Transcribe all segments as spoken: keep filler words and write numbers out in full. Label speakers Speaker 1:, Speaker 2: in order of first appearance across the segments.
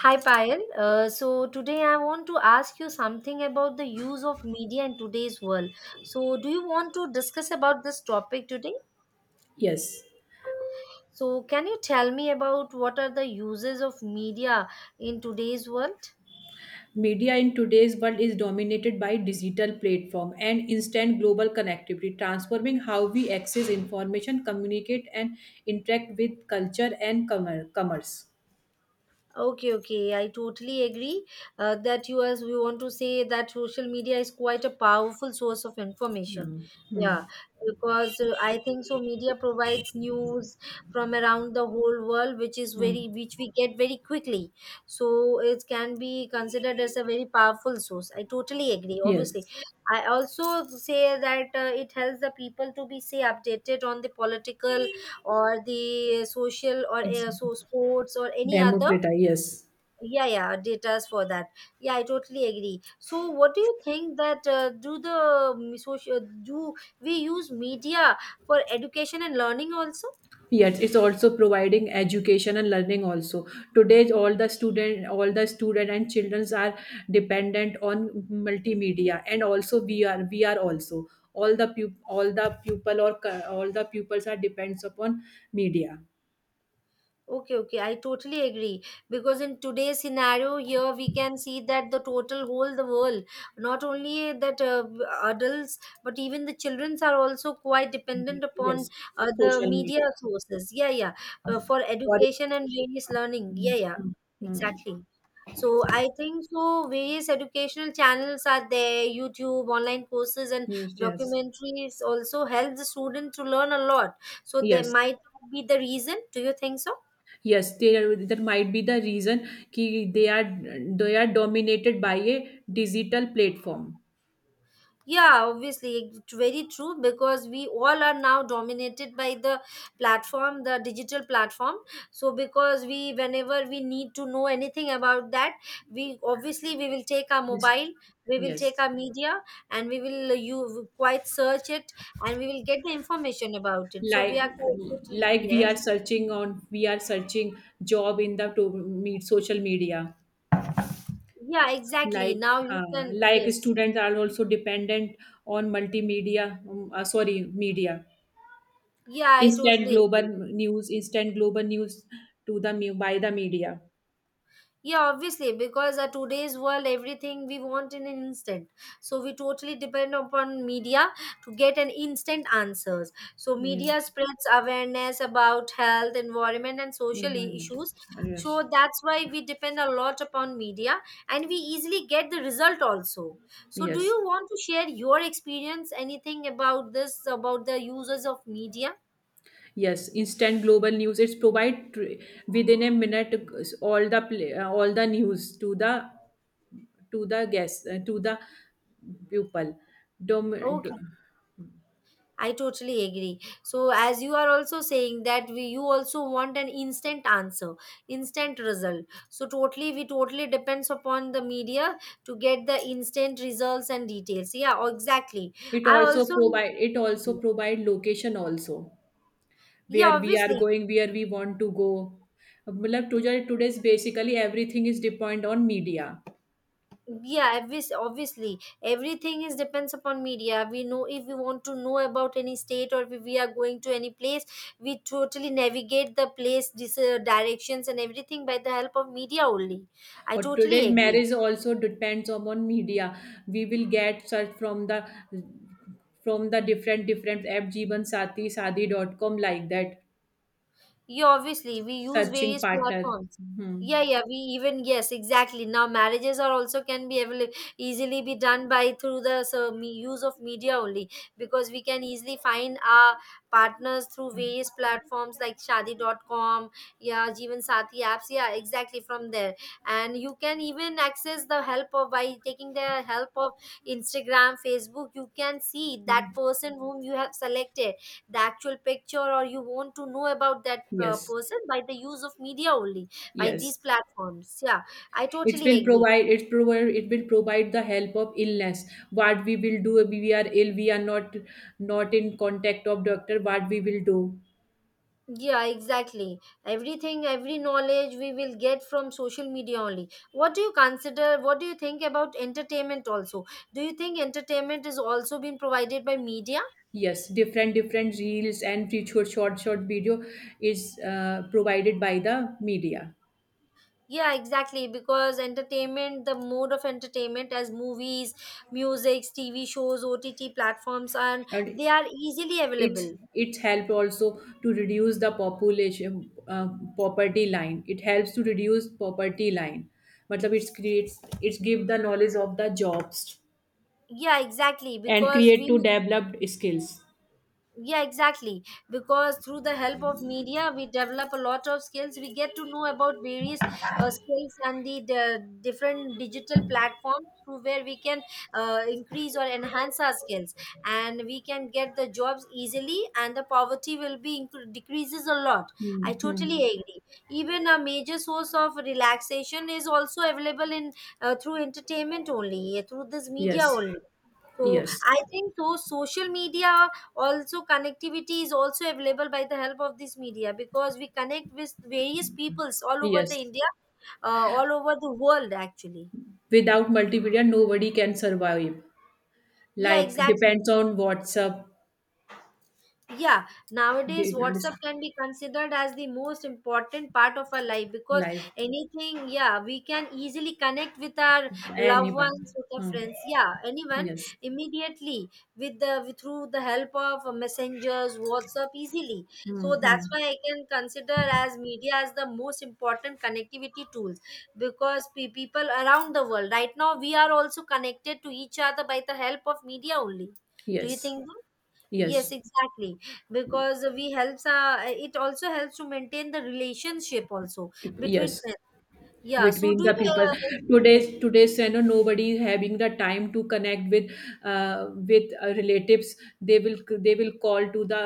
Speaker 1: Hi Payal. Uh, so today I want to ask you something about the use of media in today's world. So do you want to discuss about this topic today?
Speaker 2: Yes.
Speaker 1: So can you tell me about what are the uses of media in today's world?
Speaker 2: Media in today's world is dominated by digital platform and instant global connectivity, transforming how we access information, communicate, and interact with culture and commer- commerce.
Speaker 1: Okay, okay, I totally agree uh, that you as we want to say that social media is quite a powerful source of information.
Speaker 2: Hmm. Hmm.
Speaker 1: Yeah, because uh, I think so. Media provides news from around the whole world, which is
Speaker 2: Hmm.
Speaker 1: very which we get very quickly. So it can be considered as a very powerful source. I totally agree. Obviously,
Speaker 2: Yes,
Speaker 1: I also say that uh, it helps the people to be say updated on the political or the social or uh,
Speaker 2: exactly.
Speaker 1: so sports or any other
Speaker 2: Democrata, yes.
Speaker 1: yeah, yeah datas for that. Yeah, I totally agree. So what do you think that uh, do the um, social do we use media for education and learning also?
Speaker 2: Yes, it's also providing education and learning also. Today, all the student, all the student and childrens are dependent on multimedia, and also we are, we are also all the pup, all the pupil or cu- all the pupils are depends upon media.
Speaker 1: Okay, okay, I totally agree. Because in today's scenario, here we can see that the total whole the world, not only that uh, adults, but even the childrens are also quite
Speaker 2: Mhm.
Speaker 1: dependent upon
Speaker 2: Yes,
Speaker 1: uh, the
Speaker 2: social
Speaker 1: media
Speaker 2: media.
Speaker 1: sources. Yeah, yeah, uh, for
Speaker 2: For
Speaker 1: education and various learning.
Speaker 2: Mm,
Speaker 1: Yeah, yeah,
Speaker 2: mm, mm.
Speaker 1: exactly. So I think so. Various educational channels are there. YouTube, online courses, and
Speaker 2: Yes, yes,
Speaker 1: documentaries also help the student to learn a lot. So there
Speaker 2: yes.
Speaker 1: might be the reason. Do you think so?
Speaker 2: Yes, there that might be the reason कि they are they are dominated by a digital platform.
Speaker 1: Yeah, obviously, it's very true because we all are now dominated by the platform, the digital platform. So, because we, whenever we need to know anything about that, we obviously we will take our
Speaker 2: Yes.
Speaker 1: mobile, we will take
Speaker 2: Yes.
Speaker 1: our media, and we will uh, you quite search it, and we will get the information about it. So we
Speaker 2: Like
Speaker 1: are totally
Speaker 2: like we are
Speaker 1: yes,
Speaker 2: searching on we are searching job in the to meet social media.
Speaker 1: yeah, exactly.
Speaker 2: Like
Speaker 1: Now you
Speaker 2: uh,
Speaker 1: can
Speaker 2: like
Speaker 1: yes,
Speaker 2: students are also dependent on multimedia. Um, uh, sorry, media.
Speaker 1: yeah, I
Speaker 2: Instant
Speaker 1: totally
Speaker 2: global
Speaker 1: agree.
Speaker 2: news. Instant global news to the mu- by the media.
Speaker 1: Yeah, obviously, because at today's world, everything we want in an instant. So we totally depend upon media to get an instant answers. So
Speaker 2: Yeah.
Speaker 1: media spreads awareness about health, environment, and social I-
Speaker 2: Environment.
Speaker 1: issues.
Speaker 2: Yes.
Speaker 1: So that's why we depend a lot upon media, and we easily get the result also. So do
Speaker 2: Yes.
Speaker 1: you want to share your experience, anything about this, about the users of media?
Speaker 2: Yes, instant global news. It's provide tr- within a minute, uh, all the pla- uh, all the news to the to the guest, uh, to the pupil. Dom- d-
Speaker 1: Okay, I totally agree. So, as you are also saying that we, you also want an instant answer, instant result. So, totally, we totally depends upon the media to get the instant results and details. Yeah, exactly.
Speaker 2: it
Speaker 1: I
Speaker 2: also
Speaker 1: also,
Speaker 2: provide it also provide location also,
Speaker 1: yeah,
Speaker 2: where we are
Speaker 1: obviously.
Speaker 2: going, where we want to go. मतलब today today's basically everything is depend on media.
Speaker 1: Yeah obvious, obviously everything is depends upon media. We know if we want to know about any state or if we are going to any place, we totally navigate the place this uh, directions and everything by the help of media only. I
Speaker 2: Or
Speaker 1: totally
Speaker 2: today's
Speaker 1: agree.
Speaker 2: marriage also depends upon media. We will get search from the from the different different app Jeevan Sati, Sadi dot com, like that,
Speaker 1: Yeah, obviously, we use
Speaker 2: searching
Speaker 1: various
Speaker 2: partner.
Speaker 1: platforms.
Speaker 2: Hmm.
Speaker 1: Yeah, yeah, we even, yes, exactly. Now, marriages are also can be avail- easily be done by through the so, me, use of media only because we can easily find our partners through various platforms like Shadi dot com. Yeah, Jeevan Sati apps, yeah, exactly from there. And you can even access the help of by taking the help of Instagram, Facebook, you can see that person whom you have selected the actual picture or you want to know about that uh,
Speaker 2: Yes.
Speaker 1: person by the use of media only, by
Speaker 2: Yes.
Speaker 1: these platforms. Yeah, I
Speaker 2: It
Speaker 1: totally
Speaker 2: will
Speaker 1: agree.
Speaker 2: provide it provide it will provide the help of illness. What we will do if we are ill, we are not not in contact of doctor? What we will do?
Speaker 1: Yeah, exactly, everything, every knowledge we will get from social media only. What do you consider, what do you think about entertainment also? Do you think entertainment is also being provided by media?
Speaker 2: Yes, different different reels and short short short video is uh, provided by the media.
Speaker 1: Yeah, exactly, because entertainment, the mode of entertainment as movies, music, TV shows, OTT platforms and
Speaker 2: And
Speaker 1: they are easily
Speaker 2: it's
Speaker 1: available.
Speaker 2: it's help also to reduce the population, uh, poverty line. It helps to reduce poverty line. मतलब it creates it give the knowledge of the jobs,
Speaker 1: Yeah, exactly,
Speaker 2: and
Speaker 1: because
Speaker 2: create to
Speaker 1: we
Speaker 2: developed skills.
Speaker 1: yeah exactly because through the help of media we develop a lot of skills. We get to know about various uh, skills and the, the different digital platforms through where we can uh, increase or enhance our skills and we can get the jobs easily and the poverty will be incre- decreases a lot. I
Speaker 2: Mhm.
Speaker 1: totally agree. Even a major source of relaxation is also available in uh, through entertainment only, through this media
Speaker 2: Yes,
Speaker 1: only. So
Speaker 2: yes,
Speaker 1: I think so social media also connectivity is also available by the help of this media because we connect with various peoples all over the
Speaker 2: yes.
Speaker 1: India, uh, all over the world actually.
Speaker 2: Without multimedia, nobody can survive.
Speaker 1: Yeah,
Speaker 2: Like
Speaker 1: exactly.
Speaker 2: depends on WhatsApp,
Speaker 1: Yeah, nowadays
Speaker 2: di-
Speaker 1: WhatsApp
Speaker 2: dis-
Speaker 1: can be considered as the most important part of our life because
Speaker 2: life,
Speaker 1: anything, yeah, we can easily connect with our loved
Speaker 2: anybody.
Speaker 1: ones, with our
Speaker 2: Hmm.
Speaker 1: friends, yeah, anyone
Speaker 2: Yes.
Speaker 1: immediately with the with, through the help of messengers, WhatsApp easily. So
Speaker 2: Hmm.
Speaker 1: that's why I can consider as media as the most important connectivity tools because pe- people around the world right now we are also connected to each other by the help of media only. Do you
Speaker 2: Yes.
Speaker 1: think so? Yes,
Speaker 2: Yes.
Speaker 1: exactly. Because we helps uh, it also helps to maintain the relationship also between
Speaker 2: Yes.
Speaker 1: friends. Yeah. So
Speaker 2: Between
Speaker 1: do
Speaker 2: the
Speaker 1: you?
Speaker 2: people,
Speaker 1: Uh,
Speaker 2: today's today's, you know nobody is having the time to connect with uh, with uh, relatives. They will they will call to the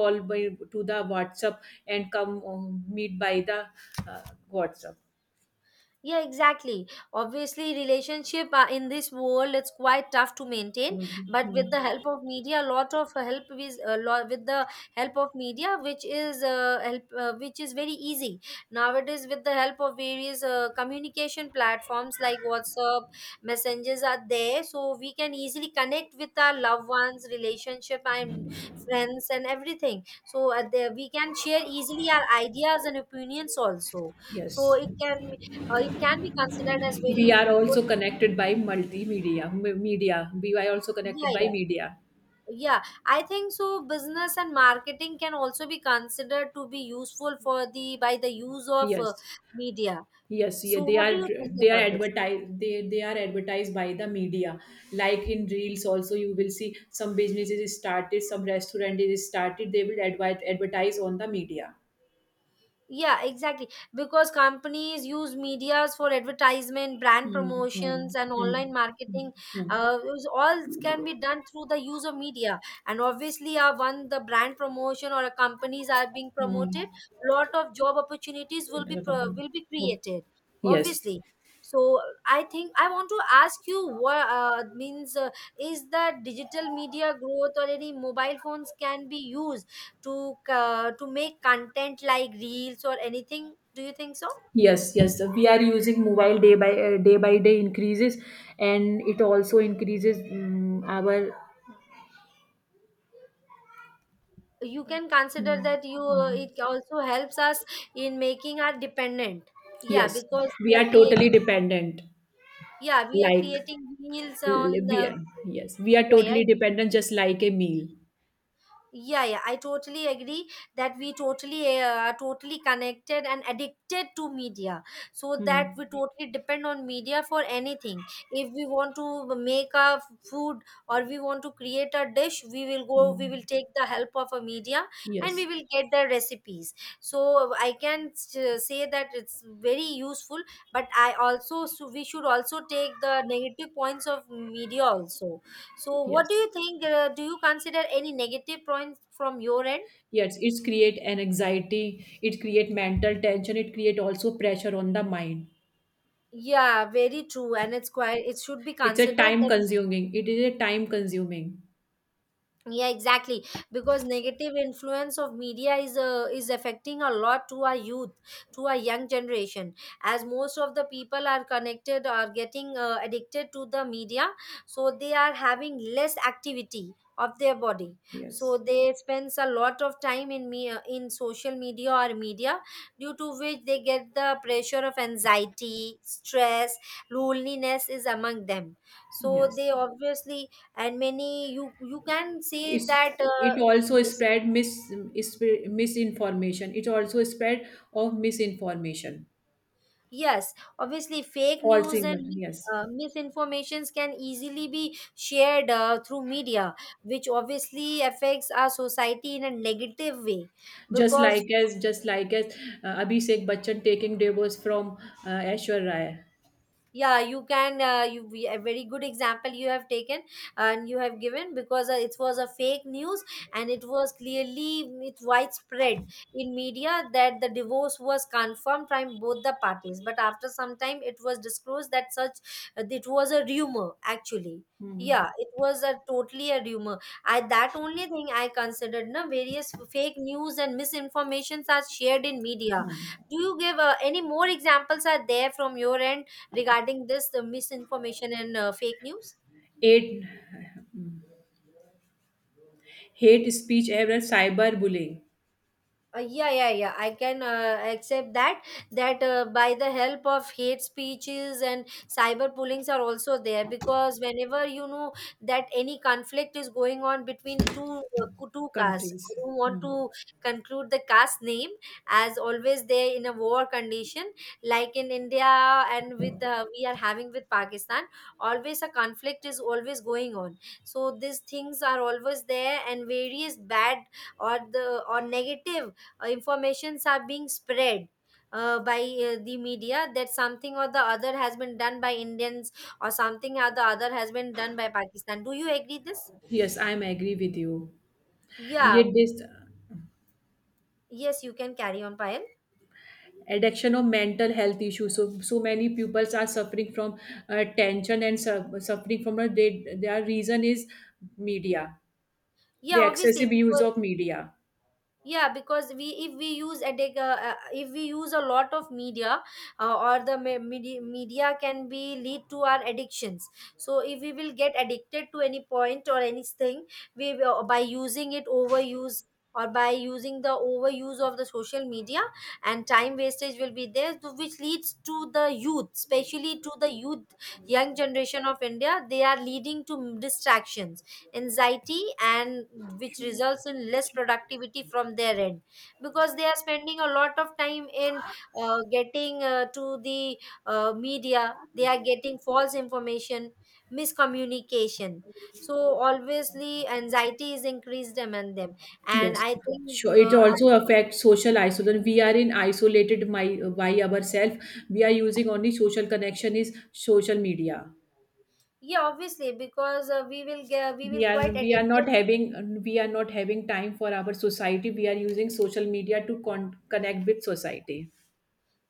Speaker 2: call by to the WhatsApp, and come, um, meet by the, uh, WhatsApp.
Speaker 1: Yeah, exactly. Obviously, relationship uh, in this world it's quite tough to maintain. But
Speaker 2: Mhm.
Speaker 1: with the help of media, a lot of help with a lot with the help of media, which is uh, help uh, which is very easy nowadays. With the help of various uh, communication platforms like WhatsApp, messengers are there, so we can easily connect with our loved ones, relationship, and friends, and everything. So uh, there we can share easily our ideas and opinions also, so
Speaker 2: Yes,
Speaker 1: it can uh, it can be considered as
Speaker 2: we
Speaker 1: very
Speaker 2: are
Speaker 1: good. Good-
Speaker 2: also connected by multimedia m- media. We are also
Speaker 1: yeah,
Speaker 2: connected by
Speaker 1: yeah,
Speaker 2: media.
Speaker 1: yeah. I think so. Business and marketing can also be considered to be useful for the by the use of uh,
Speaker 2: Yes.
Speaker 1: media.
Speaker 2: Yes, yeah,
Speaker 1: So,
Speaker 2: they
Speaker 1: what do
Speaker 2: are
Speaker 1: you think
Speaker 2: they are
Speaker 1: about this?
Speaker 2: advertised they, they are advertised by the media. Like in reels, also you will see some businesses is started, some restaurant is started. They will advert advertise on the media.
Speaker 1: Yeah, exactly. Because companies use medias for advertisement, brand
Speaker 2: Hmm, hmm,
Speaker 1: promotions, and online
Speaker 2: hmm,
Speaker 1: marketing.
Speaker 2: hmm,
Speaker 1: Uh, is- all can be done through the use of media. And obviously, uh, when the brand promotion or a companies are being promoted,
Speaker 2: hmm,
Speaker 1: lot of job opportunities will be pro- will be
Speaker 2: hmm.
Speaker 1: created.
Speaker 2: Yes,
Speaker 1: Obviously. So I think I want to ask you what uh, means uh, is that digital media growth or any mobile phones can be used to co- to make content like reels or anything. Do you think so?
Speaker 2: yes, yes. We are using mobile day by uh, day by day increases, and it also increases, um, our.
Speaker 1: You can
Speaker 2: Hmm.
Speaker 1: consider that you uh, it also helps us in making our dependent. Yeah,
Speaker 2: Yes,
Speaker 1: because we
Speaker 2: we
Speaker 1: are
Speaker 2: are totally
Speaker 1: creating
Speaker 2: dependent.
Speaker 1: yeah we are
Speaker 2: Like.
Speaker 1: creating reels on
Speaker 2: L- We
Speaker 1: the
Speaker 2: are, yes, we are
Speaker 1: yeah, yeah.
Speaker 2: totally dependent, just like a meal.
Speaker 1: Yeah, yeah, I totally agree that we totally uh, are totally connected and addicted to media, so that
Speaker 2: Hmm.
Speaker 1: we totally depend on media for anything. If we want to make a food or we want to create a dish, we will go, we will
Speaker 2: Hmm.
Speaker 1: take the help of a media and we
Speaker 2: Yes,
Speaker 1: will get the recipes. So I can s- say that it's very useful, but I also so we should also take the negative points of media also. So, what
Speaker 2: yes,
Speaker 1: do you think? Uh, do you consider any negative points from your end?
Speaker 2: yes. It's create an anxiety. It create mental tension. It create also pressure on the mind.
Speaker 1: Yeah, very true. And it's quite, it should be
Speaker 2: It's a
Speaker 1: considered
Speaker 2: time
Speaker 1: that
Speaker 2: consuming. It is a time consuming.
Speaker 1: yeah exactly because negative influence of media is uh, is affecting a lot to our youth, to our young generation. As most of the people are connected or getting uh, addicted to the media, so they are having less activity of their body, so
Speaker 2: Yes,
Speaker 1: they spends a lot of time in me uh, in social media or media, due to which they get the pressure of anxiety, stress, loneliness is among them. So
Speaker 2: yes.
Speaker 1: they obviously and many you you can say
Speaker 2: It's
Speaker 1: that uh,
Speaker 2: it also
Speaker 1: yes,
Speaker 2: spread mis is- misinformation. It also spread of misinformation,
Speaker 1: yes, obviously fake
Speaker 2: false
Speaker 1: news and
Speaker 2: ignorance.
Speaker 1: mis-
Speaker 2: Yes.
Speaker 1: uh, misinformations can easily be shared uh, through media, which obviously affects our society in a negative way
Speaker 2: Just
Speaker 1: because
Speaker 2: like as just like as uh, Abhishek Bachchan taking divorce from, uh, Aishwarya Rai.
Speaker 1: yeah you can uh, you we- a very good example you have taken and you have given because uh, it was a fake news and it was clearly it widespread in media that the divorce was confirmed from both the parties but after some time it was disclosed that such uh, it was a rumor actually. Yeah, it was a totally a rumor. I that only thing I considered na various fake news and misinformations are shared in media. Do you give uh, any more examples are there from your end regarding this the misinformation and uh, fake news?
Speaker 2: Eight, hate speech era, cyber bullying,
Speaker 1: Uh, yeah, yeah, yeah, I can uh, accept that. That uh, by the help of hate speeches and cyber pullings are also there because whenever you know that any conflict is going on between two uh, co- two castes, I
Speaker 2: countries.
Speaker 1: don't want
Speaker 2: Hmm.
Speaker 1: to conclude the caste name, as always they in a war condition like in India and with the we are having with Pakistan. Always a conflict is always going on. So these things are always there and various bad or the or negative uh, informations are being spread uh, by uh, the media that something or the other has been done by Indians or something or the other has been done by Pakistan. Do you agree this?
Speaker 2: Yes, I'm agree with you.
Speaker 1: Yeah.
Speaker 2: Yet this
Speaker 1: Yes, you can carry on, Payal.
Speaker 2: addiction of mental health issues. So so many pupils are suffering from, uh, tension and su- suffering from, a, they, their reason is media, the
Speaker 1: Yeah, obviously,
Speaker 2: excessive use
Speaker 1: because
Speaker 2: of media.
Speaker 1: yeah because we if we use a dig- uh, uh, if we use a lot of media uh, or the me- media, media can be lead to our addictions. So if we will get addicted to any point or anything, we will, by using it, overuse, or by using the overuse of the social media, and time wastage will be there, to- which leads to the youth especially to the youth, young generation of India. They are leading to distractions, anxiety, and which results in less productivity from their end, because they are spending a lot of time in uh, getting uh, to the uh, media. They are getting false information, miscommunication. So obviously anxiety is increased among them. And
Speaker 2: Yes,
Speaker 1: I think,
Speaker 2: sure. It
Speaker 1: uh,
Speaker 2: also affects social isolation. We are in isolated my, by ourselves. We are using only social connection is social media.
Speaker 1: yeah, obviously, because uh, we will get we will
Speaker 2: We are
Speaker 1: quite
Speaker 2: we are
Speaker 1: addicted.
Speaker 2: not having we are not having time for our society. We are using social media to con- connect with society.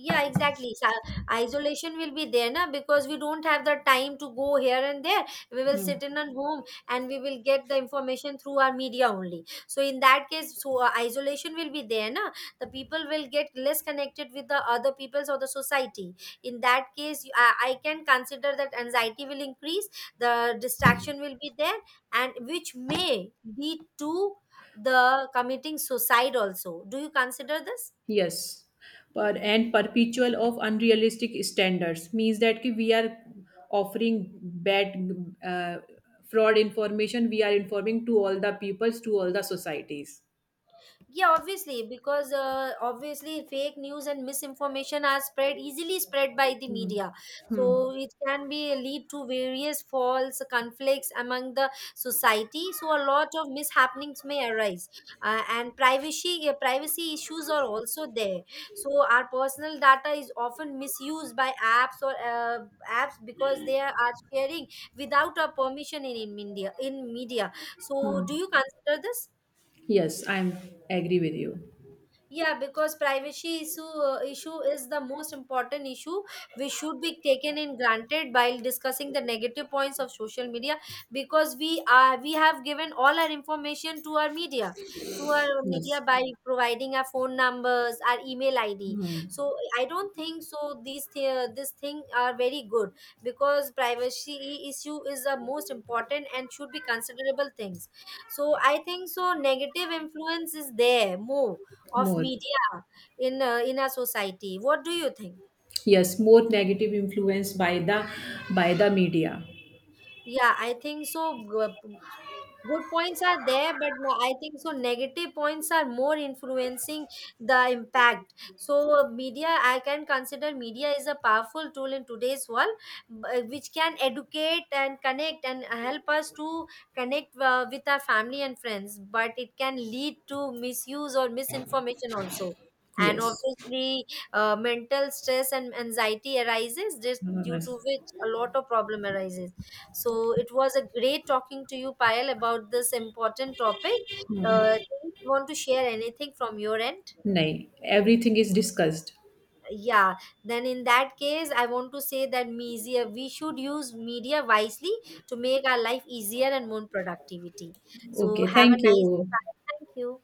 Speaker 1: Yeah, exactly. So isolation will be there na, because we don't have the time to go here and there. We will
Speaker 2: Hmm.
Speaker 1: sit in at home and we will get the information through our media only. So in that case, so uh, isolation will be there na. The people will get less connected with the other peoples or the society. In that case, you- I, I can consider that anxiety will increase, the distraction will be there, and which may lead to the committing suicide also. Do you consider this?
Speaker 2: Yes, but and perpetual of unrealistic standards means that कि we are offering bad, uh, fraud information. We are informing to all the peoples to all the societies.
Speaker 1: Yeah, obviously, because uh, obviously fake news and misinformation are spread easily spread by the
Speaker 2: Hmm.
Speaker 1: media.
Speaker 2: Hmm.
Speaker 1: So it can be lead to various false conflicts among the society. So a lot of mishappenings may arise, uh, and privacy uh, privacy issues are also there. So our personal data is often misused by apps or uh, apps because they are sharing without our permission in, in media. In media, so do you consider this?
Speaker 2: Yes, I'm agree with you.
Speaker 1: Yeah, because privacy issue uh, issue is the most important issue which should be taken in granted while discussing the negative points of social media, because we are we have given all our information to our media, to our media
Speaker 2: Yes.
Speaker 1: by providing our phone numbers, our email I D.
Speaker 2: Hmm.
Speaker 1: So I don't think so these th- this thing are very good, because privacy issue is the most important and should be considerable things. So I think so negative influence is there more of
Speaker 2: More.
Speaker 1: media in uh, in our society. What do you think?
Speaker 2: Yes, more negative influence by the by the media.
Speaker 1: Yeah, I think so. uh, Good points are there, but no, I think so negative points are more influencing the impact. So media, I can consider media is a powerful tool in today's world, b- which can educate and connect and help us to connect uh, with our family and friends, but it can lead to misuse or misinformation also. And
Speaker 2: Yes.
Speaker 1: obviously, uh, mental stress and anxiety arises, just
Speaker 2: Hmm.
Speaker 1: due to which a lot of problem arises. So it was a great talking to you, Payal, about this important topic. Uh, do you want to share anything from your end?
Speaker 2: Nahi. Everything is discussed.
Speaker 1: Yeah. Then in that case, I want to say that media, we should use media wisely to make our life easier and more productivity. So
Speaker 2: Okay.
Speaker 1: have a
Speaker 2: Thank
Speaker 1: nice day,
Speaker 2: you.
Speaker 1: Payal. Thank you.